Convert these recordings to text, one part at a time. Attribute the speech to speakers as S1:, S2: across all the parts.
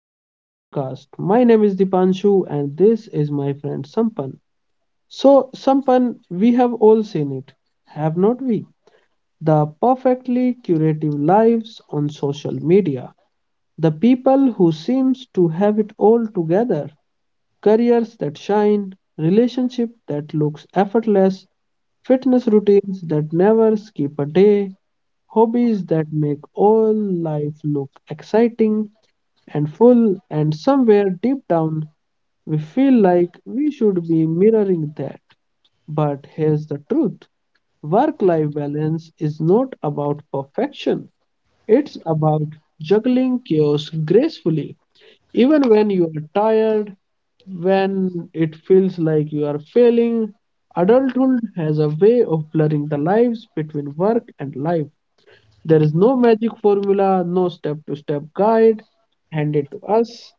S1: another podcast. My name is Dipanshu, and this is my friend Sampan. So, Sampan, we have all seen it, have not we? The perfectly curative lives on social media. The people who seems to have it all together. Careers that shine, relationship that looks effortless, fitness routines that never skip a day, hobbies that make all life look exciting, and full, and somewhere deep down, we feel like we should be mirroring that. But here's the truth, work life balance is not about perfection, it's about juggling chaos gracefully. Even when you are tired, when it feels like you are failing, adulthood has a way of blurring the lines between work and life. There is no magic formula, no step to step guide handed to us.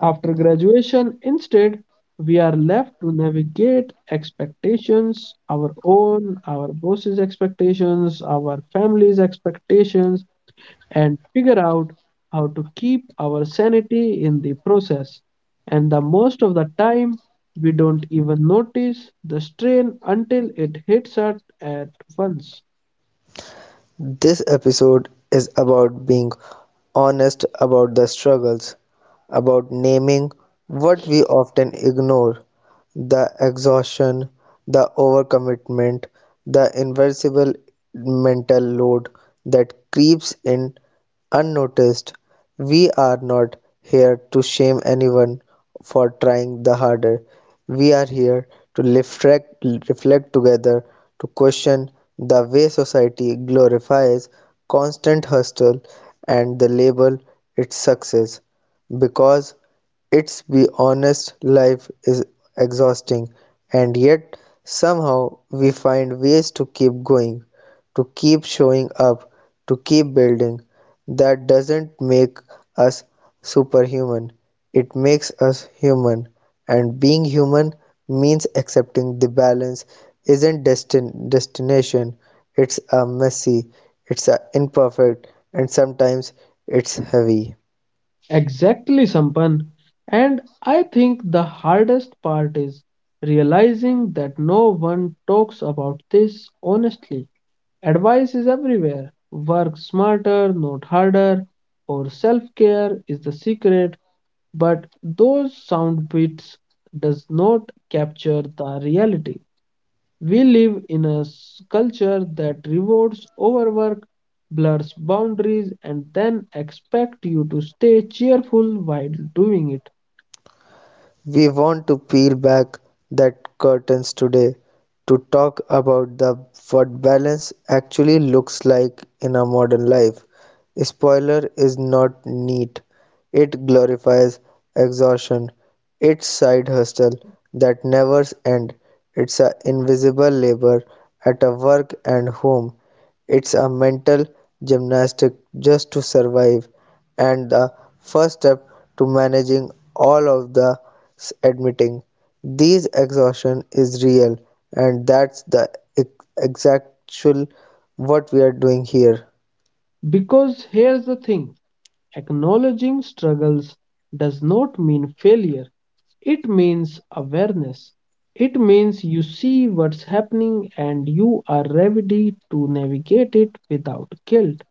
S1: After graduation, instead, we are left to navigate expectations, our own, our boss's expectations, our family's expectations, and figure out how to keep our sanity in the process. And the most of the time, we don't even notice the strain until it hits us at once.
S2: This episode is about being honest about the struggles, about naming what we often ignore, the exhaustion, the overcommitment, the invincible mental load that creeps in unnoticed. We are not here to shame anyone for trying the harder. We are here to reflect together, to question the way society glorifies constant hustle and the label its success. Because its be honest life is exhausting and yet somehow we find ways to keep going, to keep showing up, to keep building. That doesn't make us superhuman. It makes us human. And being human means accepting the balance isn't destination. It's a messy, it's a imperfect, and sometimes it's heavy.
S1: Exactly, Sampan. And I think the hardest part is realizing that no one talks about this honestly. Advice is everywhere. Work smarter, not harder, or self care is the secret. But those sound bites does not capture the reality. We live in a culture that rewards overwork, blurs boundaries, and then expect you to stay cheerful while doing it.
S2: We want to peel back that curtains today to talk about the what balance actually looks like in our modern life. Spoiler is not neat. It glorifies exhaustion, its side hustle that never ends, it's a invisible labor at a work and home, it's a mental gymnastic just to survive, and the first step to managing all of the admitting these exhaustion is real and that's the exactual what we are doing here.
S1: Because here's the thing, acknowledging struggles does not mean failure, it means awareness. It means you see what's happening and you are ready to navigate it without guilt.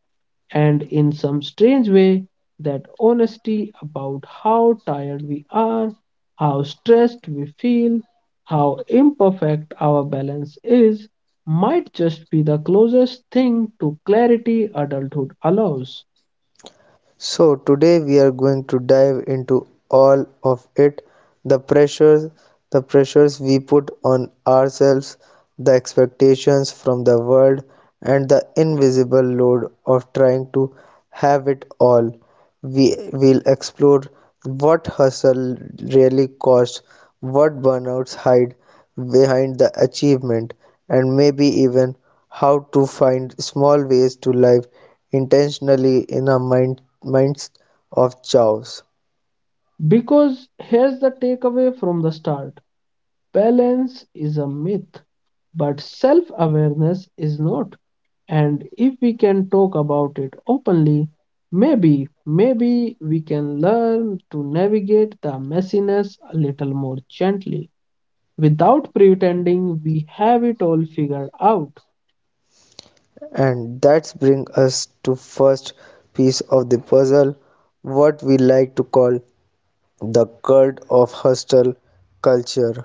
S1: And in some strange way, that honesty about how tired we are, how stressed we feel, how imperfect our balance is, might just be the closest thing to clarity adulthood allows.
S2: So, today we are going to dive into all of it, the pressures, the pressures we put on ourselves, the expectations from the world, and the invisible load of trying to have it all. We will explore what hustle really costs, what burnouts hide behind the achievement, and maybe even how to find small ways to live intentionally in a mind midst of chaos.
S1: Because here's the takeaway from the start, balance is a myth, but self awareness is not. And if we can talk about it openly, maybe we can learn to navigate the messiness a little more gently without pretending we have it all figured out.
S2: And that brings us to first piece of the puzzle, what we like to call the cult of hustle culture.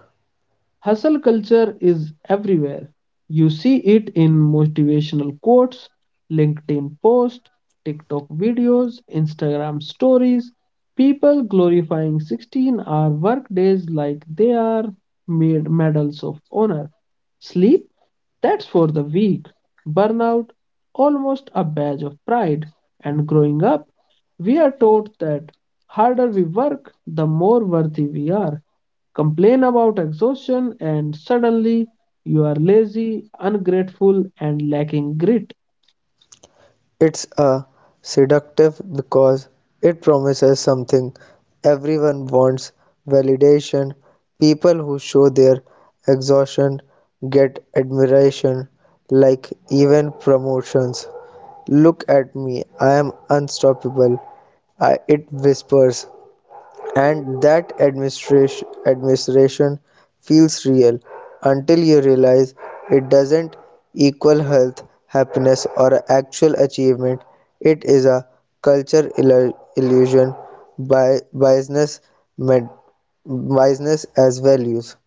S1: Hustle culture is everywhere. You see it in motivational quotes, LinkedIn posts, TikTok videos, Instagram stories, people glorifying 16-hour workdays like they are made medals of honor. Sleep? That's for the weak. Burnout? Almost a badge of pride. And growing up, we are taught that harder we work, the more worthy we are, complain about exhaustion, and suddenly you are lazy, ungrateful, and lacking grit.
S2: It's a seductive because it promises something everyone wants, validation. People who show their exhaustion get admiration, like even promotions. Look at me, I am unstoppable. I, it whispers. And that administration feels real until you realize it doesn't equal health, happiness, or actual achievement. It is a culture illusion by biasness, med- biasness as values.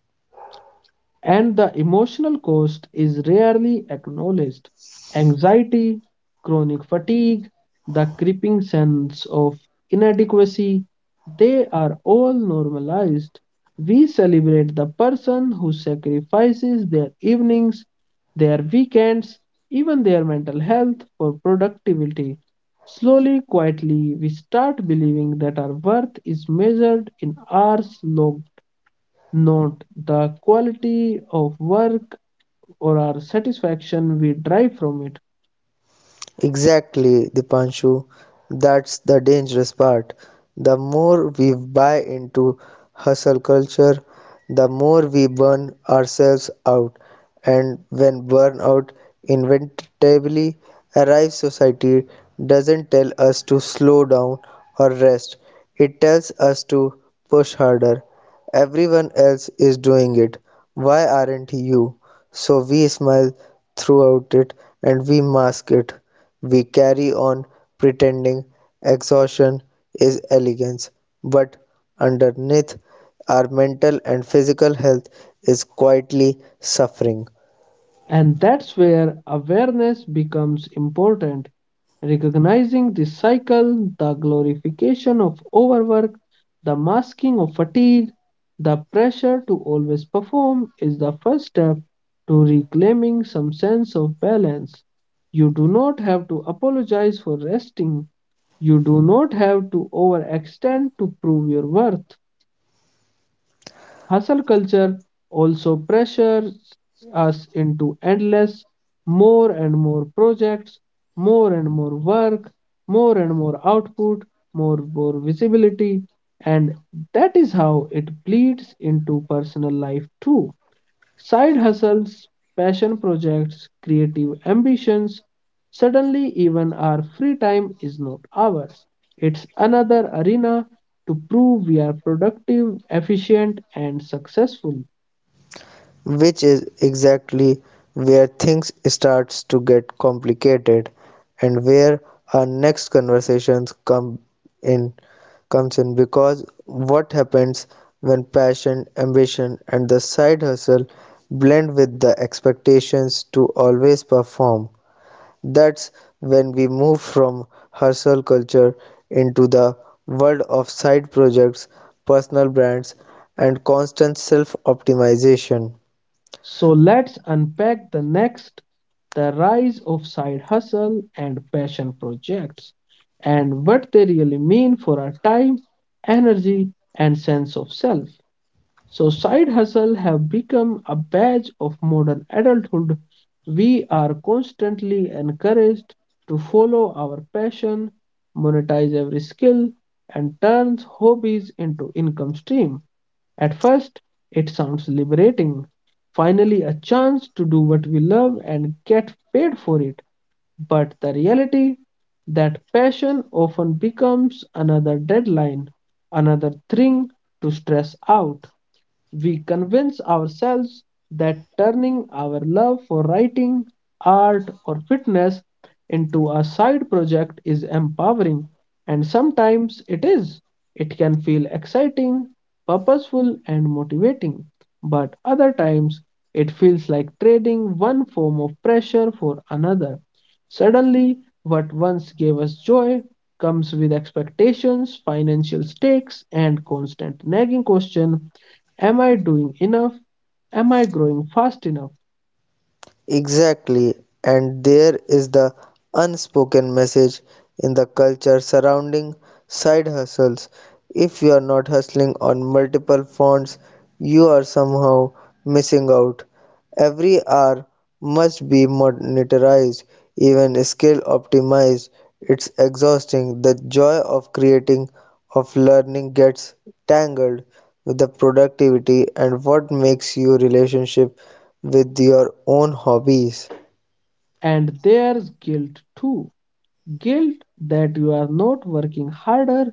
S1: And the emotional cost is rarely acknowledged. Anxiety, chronic fatigue, the creeping sense of inadequacy, they are all normalized. We celebrate the person who sacrifices their evenings, their weekends, even their mental health for productivity. Slowly, quietly, we start believing that our worth is measured in hours logged, not the quality of work or our satisfaction we derive from it.
S2: Exactly, Dipanshu. That's the dangerous part. The more we buy into hustle culture, the more we burn ourselves out. And when burnout inevitably arrives, society doesn't tell us to slow down or rest, it tells us to push harder. Everyone else is doing it. Why aren't you? So we smile throughout it and we mask it. We carry on pretending exhaustion is elegance, but underneath our mental and physical health is quietly suffering.
S1: And that's where awareness becomes important. Recognizing this cycle, the glorification of overwork, the masking of fatigue, the pressure to always perform is the first step to reclaiming some sense of balance. You do not have to apologize for resting. You do not have to overextend to prove your worth. Hustle culture also pressures us into endless, more and more projects, more and more work, more and more output, more and more visibility, and that is how it bleeds into personal life too. Side hustles, passion projects, creative ambitions. Suddenly, even our free time is not ours. It's another arena to prove we are productive, efficient, and successful.
S2: Which is exactly where things starts to get complicated and where our next conversations in comes in, because what happens when passion, ambition and the side hustle blend with the expectations to always perform? That's when we move from hustle culture into the world of side projects, personal brands and constant self-optimization.
S1: So, let's unpack the next, the rise of side hustle and passion projects and what they really mean for our time, energy, and sense of self. So side hustle have become a badge of modern adulthood. We are constantly encouraged to follow our passion, monetize every skill, and turn hobbies into income stream. At first, it sounds liberating. Finally, a chance to do what we love and get paid for it. But the reality that passion often becomes another deadline, another thing to stress out, we convince ourselves that turning our love for writing, art, or fitness into a side project is empowering, and sometimes it is. It can feel exciting, purposeful, and motivating, but other times it feels like trading one form of pressure for another. Suddenly, what once gave us joy comes with expectations, financial stakes, and constant nagging question, am I doing enough? Am I growing fast enough?
S2: Exactly, and there is the unspoken message in the culture surrounding side hustles. If you are not hustling on multiple fronts, you are somehow missing out. Every hour must be monetized, even skill optimized. It's exhausting. The joy of creating of learning gets tangled with the productivity and what makes your relationship with your own hobbies.
S1: And there's guilt too. Guilt that you are not working harder,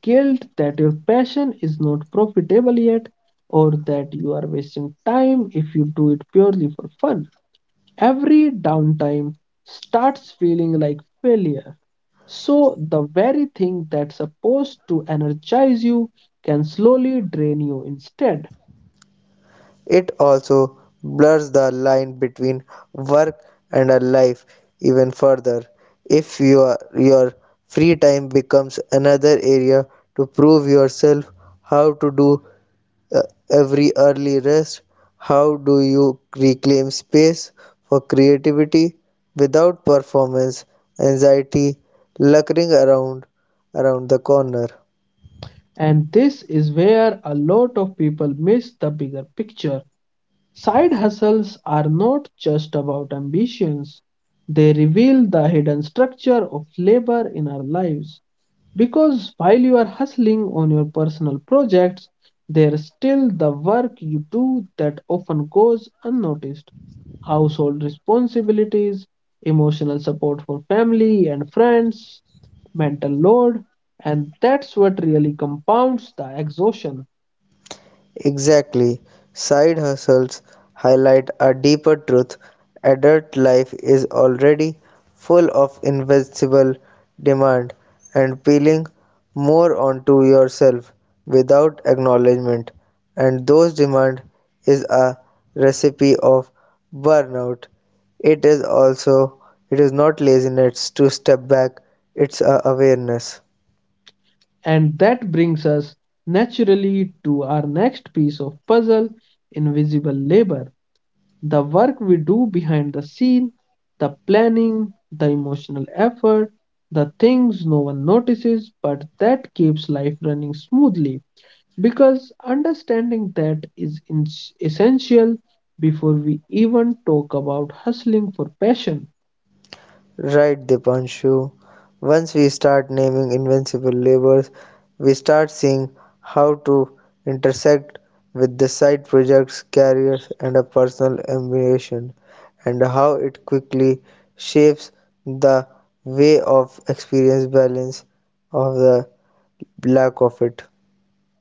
S1: guilt that your passion is not profitable yet, or that you are wasting time if you do it purely for fun. Every downtime starts feeling like failure. So, the very thing that's supposed to energize you can slowly drain you instead.
S2: It also blurs the line between work and a life even further if your free time becomes another area to prove yourself how to do uh, every early rest? How do you reclaim space for creativity without performance anxiety lurking around the corner?
S1: And this is where a lot of people miss the bigger picture. Side hustles are not just about ambitions, they reveal the hidden structure of labor in our lives. Because while you are hustling on your personal projects, there's still the work you do that often goes unnoticed, household responsibilities, emotional support for family and friends, mental load, and that's what really compounds the exhaustion.
S2: Exactly. Side hustles highlight a deeper truth. Adult life is already full of invisible demand and peeling more onto yourself without acknowledgement. And those demand is a recipe of burnout. It is also it is not laziness to step back, it's a awareness.
S1: And that brings us naturally to our next piece of puzzle, invisible labor. The work we do behind the scene, the planning, the emotional effort, the things no one notices, but that keeps life running smoothly. Because understanding that is essential before we even talk about hustling for passion.
S2: Right, Dipanshu. Once we start naming invincible labors, we start seeing how to intersect with the side projects, careers, and a personal ambition, and how it quickly shapes the way of experience balance of the lack of it.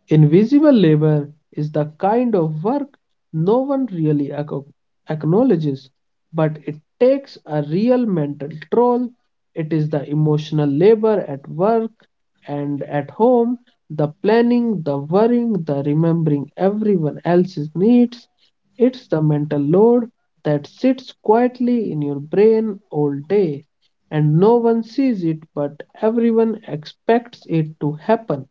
S1: Invisible labor is the kind of work no one really acknowledges, but it takes a real mental toll. It is the emotional labor at work and at home, the planning, the worrying, the remembering everyone else's needs. It's the mental load that sits quietly in your brain all day, and no one sees it, but everyone expects it to happen.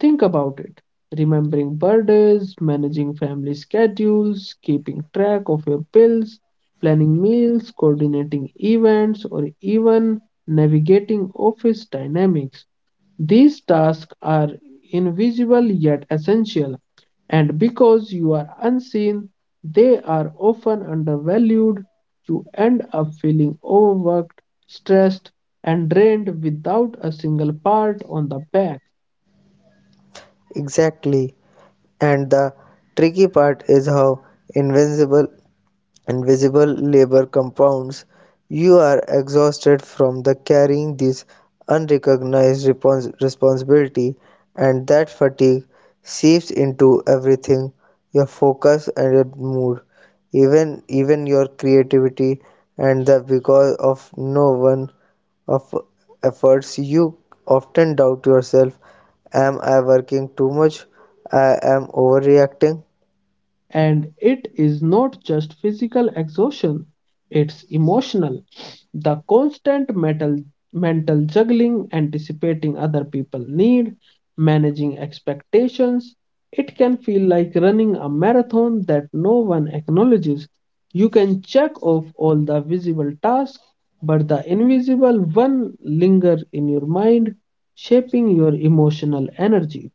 S1: Think about it. Remembering birthdays, managing family schedules, keeping track of your bills, planning meals, coordinating events, or even navigating office dynamics. These tasks are invisible yet essential, and because you are unseen, they are often undervalued. You end up feeling overworked, stressed, and drained without a single pat on the back.
S2: Exactly. And the tricky part is how invincible invisible labor compounds, you are exhausted from the carrying this unrecognized responsibility, and that fatigue seeps into everything, your focus and your mood, even your creativity, and that because of no one of efforts, you often doubt yourself. Am I working too much? I am overreacting.
S1: And it is not just physical exhaustion, it's emotional. The constant mental juggling, anticipating other people's need, managing expectations. It can feel like running a marathon that no one acknowledges. You can check off all the visible tasks, but the invisible one linger in your mind, shaping your emotional energy.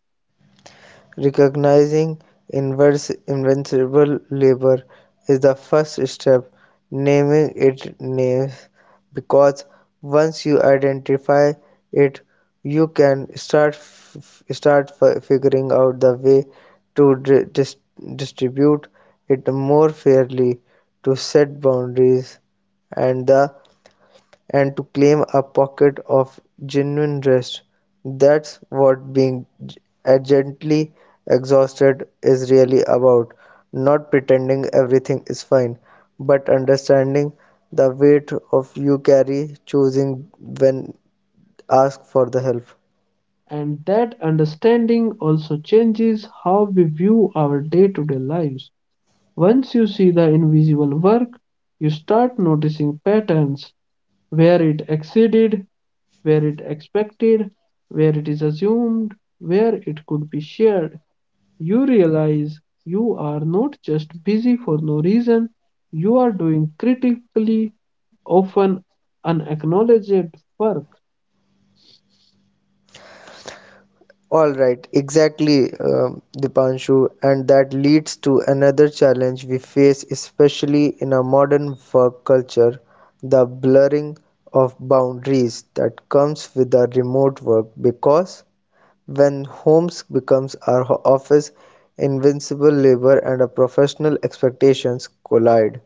S2: Recognizing inverse invincible labor is the first step; naming it names because once you identify it, you can start f figuring out the way to dis- distribute it more fairly, to set boundaries and the and to claim a pocket of genuine rest, that's what being a gently exhausted is really about. Not pretending everything is fine, but understanding the weight of you carry, choosing when ask for the help.
S1: And that understanding also changes how we view our day to day lives. Once you see the invisible work, you start noticing patterns where it exceeded, where it expected, where it is assumed, where it could be shared. You realize you are not just busy for no reason, you are doing critically, often unacknowledged work.
S2: All right, exactly, Dipanshu, and that leads to another challenge we face, especially in a modern work culture, the blurring of boundaries that comes with the remote work. Because when homes becomes our office, invincible labor and a professional expectations collide.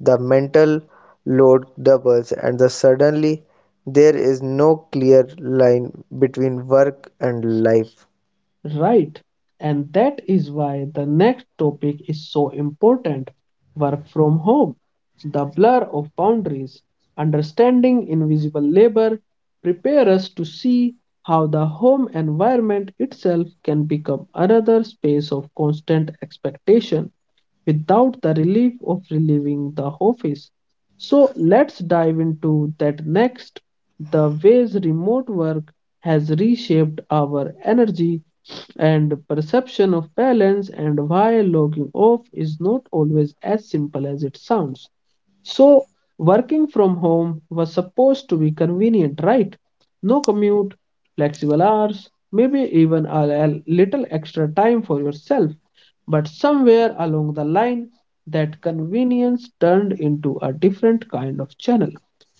S2: The mental load doubles, and the suddenly there is no clear line between work and life.
S1: Right. And that is why the next topic is so important, work from home, the blur of boundaries. Understanding invisible labor prepare us to see how the home environment itself can become another space of constant expectation without the relief of relieving the office. So let's dive into that next, the ways remote work has reshaped our energy and perception of balance and why logging off is not always as simple as it sounds. So, working from home was supposed to be convenient, right? No commute, flexible hours, maybe even a little extra time for yourself. But somewhere along the line, that convenience turned into a different kind of channel.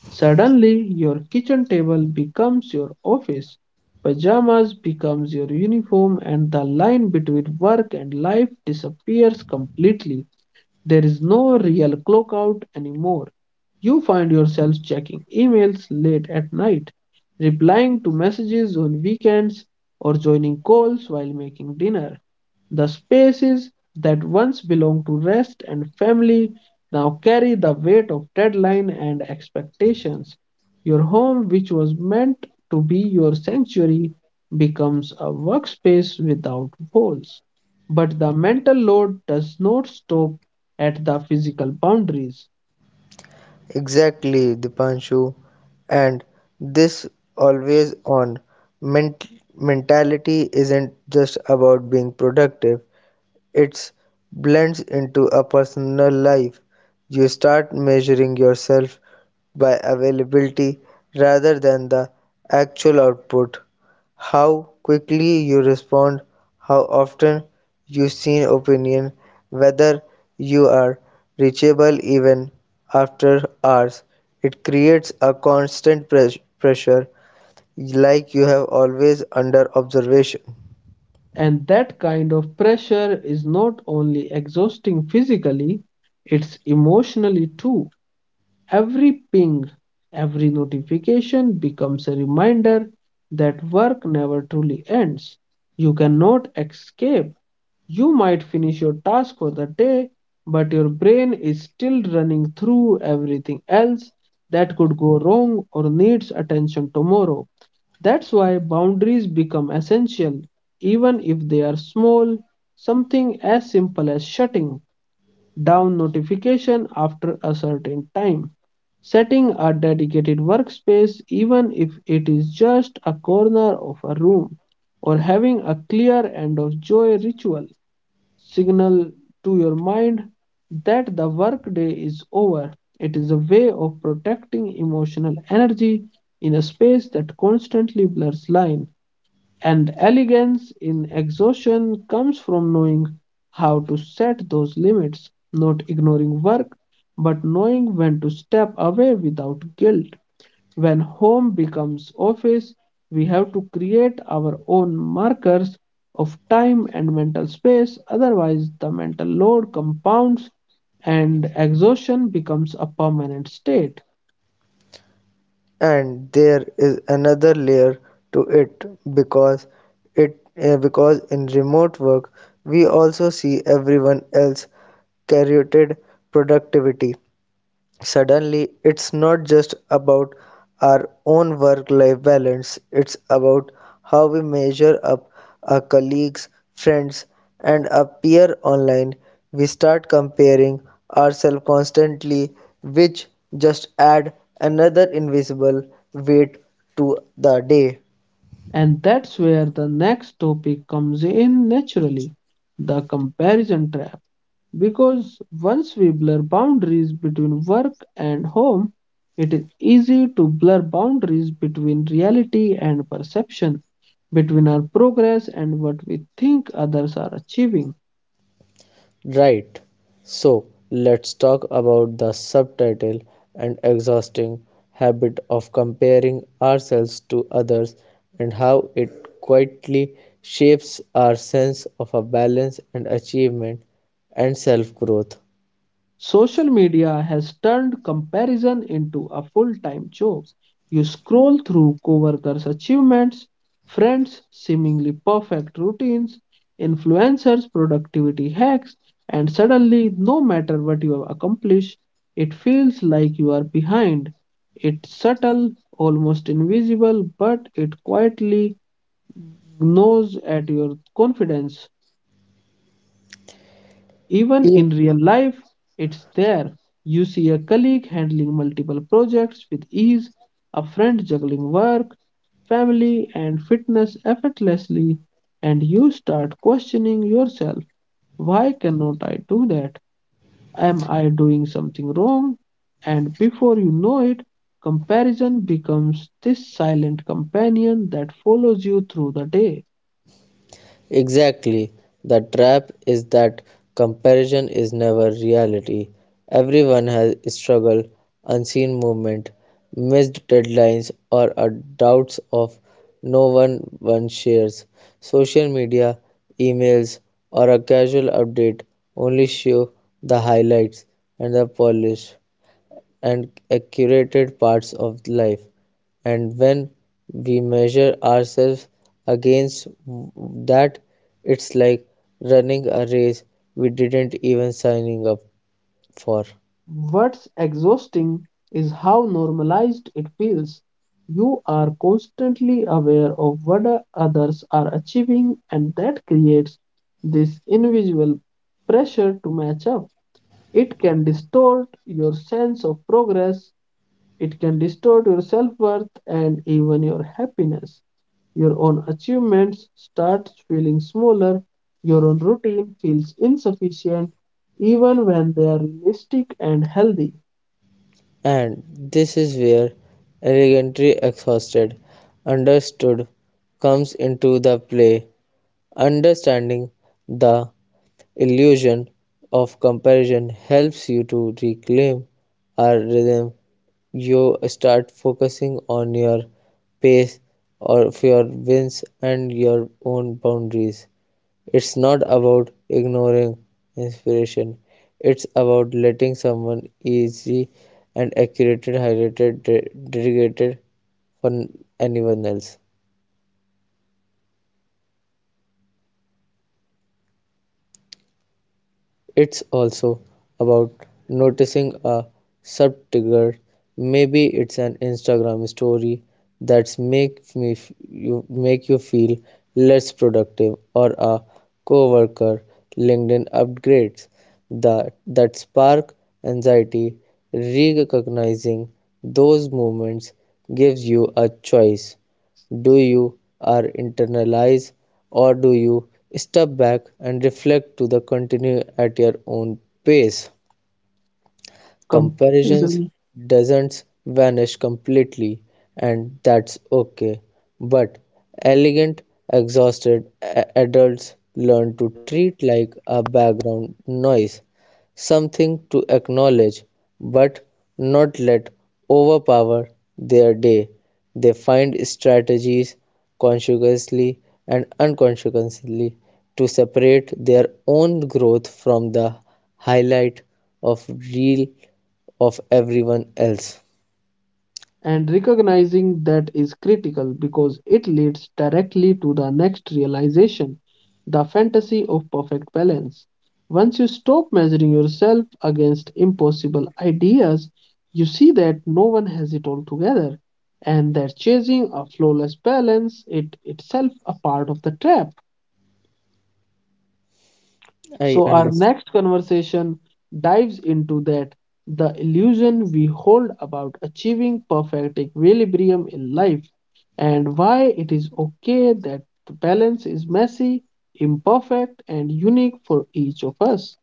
S1: Suddenly, your kitchen table becomes your office, pajamas becomes your uniform and the line between work and life disappears completely. There is no real clock out anymore. You find yourself checking emails late at night, replying to messages on weekends, or joining calls while making dinner. The spaces that once belonged to rest and family now carry the weight of deadline and expectations. Your home, which was meant to be your sanctuary, becomes a workspace without walls. But the mental load does not stop at the physical boundaries.
S2: Exactly, Dipanshu. And this always on ment- mentality isn't just about being productive, it blends into a personal life; you start measuring yourself by availability rather than the actual output. How quickly you respond, how often you seek opinion, whether you are reachable even after hours. It creates a constant pressure, like you have always under observation.
S1: And that kind of pressure is not only exhausting physically, it's emotionally too. Every ping, every notification becomes a reminder that work never truly ends. You cannot escape. You might finish your task for the day, but your brain is still running through everything else that could go wrong or needs attention tomorrow. That's why boundaries become essential, even if they are small, something as simple as shutting down notification after a certain time, setting a dedicated workspace, even if it is just a corner of a room, or having a clear end of joy ritual, signal to your mind that the workday is over. It is a way of protecting emotional energy in a space that constantly blurs line. And elegance in exhaustion comes from knowing how to set those limits, not ignoring work, but knowing when to step away without guilt. When home becomes office, we have to create our own markers of time and mental space, otherwise, the mental load compounds and exhaustion becomes a permanent state.
S2: And there is another layer to because it because in remote work we also see everyone else curated productivity, suddenly it's not just about our own work life balance, it's about how we measure up our colleagues, friends, and our peer online. We start comparing ourselves constantly, which just add another invisible weight to the day.
S1: And that's where the next topic comes in naturally, the comparison trap. Because once we blur boundaries between work and home, it is easy to blur boundaries between reality and perception, between our progress and what we think others are achieving.
S2: Right. So let's talk about the subtitle and exhausting habit of comparing ourselves to others and how it quietly shapes our sense of a balance and achievement and self growth.
S1: Social media has turned comparison into a full-time job. You scroll through coworkers' achievements, friends' seemingly perfect routines, influencers' productivity hacks, and suddenly, no matter what you have accomplished, it feels like you are behind. It's subtle, almost invisible, but it quietly gnaws at your confidence. Even in real life, it's there. You see a colleague handling multiple projects with ease, a friend juggling work, family, and fitness effortlessly, and you start questioning yourself. Why cannot I do that? Am I doing something wrong? And before you know it, comparison becomes this silent companion that follows you through the day.
S2: Exactly. The trap is that comparison is never reality. Everyone has struggle, unseen movement, missed deadlines, or a doubts of no one one shares. Social media, emails, or a casual update only show the highlights and the polish and accurate parts of life. And when we measure ourselves against that, it's like running a race we didn't even signing up for.
S1: What's exhausting is how normalized it feels. You are constantly aware of what others are achieving, and that creates this individual pressure to match up. It can distort your sense of progress, it can distort your self worth, and even your happiness. Your own achievements start feeling smaller, your own routine feels insufficient, even when they are realistic and healthy.
S2: And this is where elegantly exhausted, understood comes into the play. Understanding the illusion of comparison helps you to reclaim our rhythm, you start focusing on your pace or your wins and your own boundaries. It's not about ignoring inspiration. It's about letting someone easy and accurate highlighted dedicated for anyone else. It's also about noticing a subtrigger. Maybe it's an Instagram story that's you make you feel less productive, or a coworker LinkedIn upgrades that spark anxiety. Recognizing those moments gives you a choice, do you are internalize or do you step back and reflect to the continue at your own pace, comparisons
S1: Comparison
S2: doesn't vanish completely and that's okay, but elegant exhausted adults learn to treat like a background noise, something to acknowledge, but not let overpower their day. They find strategies consciously and unconsciously to separate their own growth from the highlight of real of everyone else.
S1: and recognizing that is critical, because it leads directly to the next realization: the fantasy of perfect balance. Once you stop measuring yourself against impossible ideas, you see that no one has it all together, and that chasing a flawless balance it itself a part of the trap.
S2: I
S1: So, our
S2: understand.
S1: next conversation dives into that: the illusion we hold about achieving perfect equilibrium in life, and why it is okay that the balance is messy, imperfect, and unique for each of us.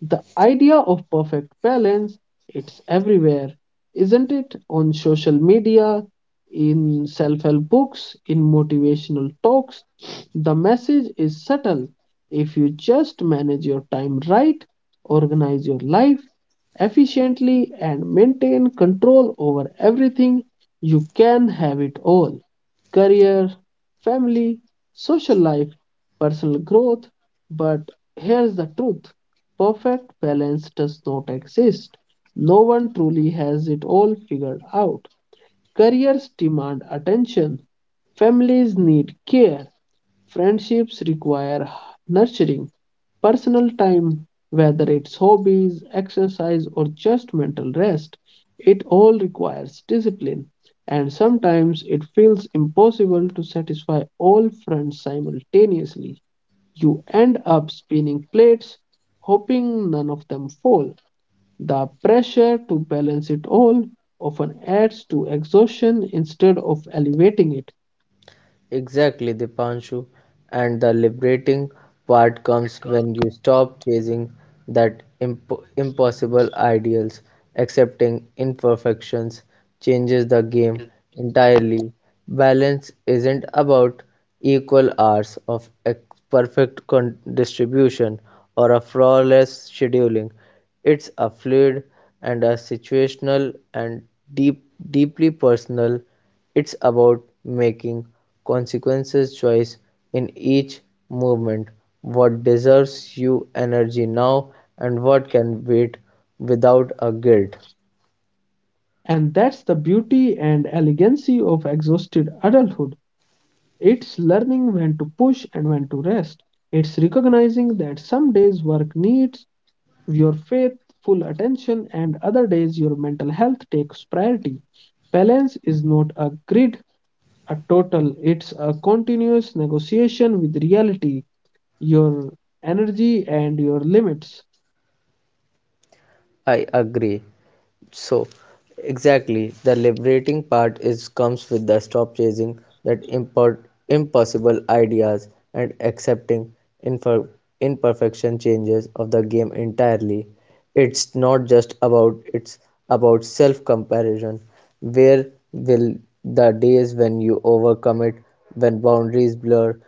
S1: The idea of perfect balance, it's everywhere, isn't it? On social media, in self help books, in motivational talks. The message is subtle: if you just manage your time right, organize your life efficiently, and maintain control over everything, you can have it all: career, family, social life, personal growth. But here's the truth: perfect balance does not exist. No one truly has it all figured out. Careers demand attention, families need care, friendships require nurturing, personal time, whether it's hobbies, exercise, or just mental rest. It all requires discipline, and sometimes it feels impossible to satisfy all fronts simultaneously. You end up spinning plates, hoping none of them fall. The pressure to balance it all often adds to exhaustion instead of elevating it.
S2: Exactly, Dipanshu. And the liberating part comes when you stop chasing that impossible ideals. Accepting imperfections changes the game entirely. Balance isn't about equal hours of perfect distribution or a flawless scheduling. It's a fluid and a situational and deeply personal, it's about making consequences choice in each movement, what deserves you energy now and what can wait without a guilt.
S1: And that's the beauty and elegancy of exhausted adulthood. It's learning when to push and when to rest. It's recognizing that some days work needs your faithful attention, and other days your mental health takes priority. Balance is not a grid, a total, it's a continuous negotiation with reality, your energy, and your limits.
S2: I agree. So exactly, the liberating part is comes with the stop chasing that import impossible ideas and accepting infer- imperfection changes of the game entirely. It's not just about it's about self comparison. Where will the days when you overcome it, when boundaries blur,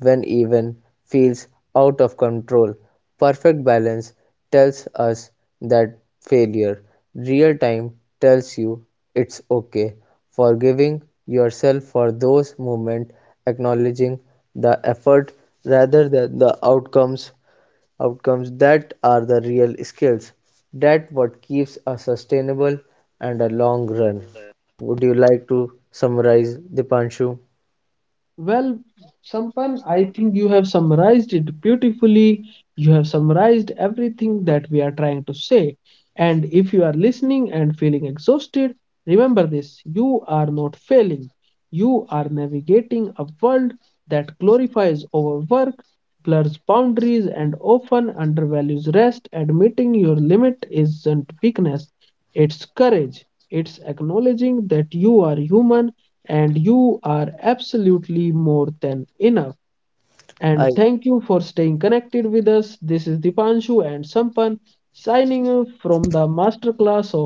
S2: when even feels out of control? Perfect balance tells us that failure. Real time tells you it's okay. Forgiving yourself for those moments, acknowledging the effort rather than the outcomes. Outcomes that are the real skills. That what keeps us sustainable and a long run. Would you like to summarize, Dipanshu?
S1: Well, Sampan, I think you have summarized it beautifully. You have summarized everything that we are trying to say. And if you are listening and feeling exhausted, remember this: you are not failing. You are navigating a world that glorifies overwork, blurs boundaries, and often undervalues rest. Admitting your limit isn't weakness, it's courage. It's acknowledging that you are human, and you are absolutely more than enough. And
S2: I
S1: thank you for staying connected with us. This is Dipanshu and Sampan, signing off from the masterclass of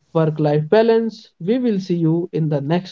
S1: work life balance. We will see you in the next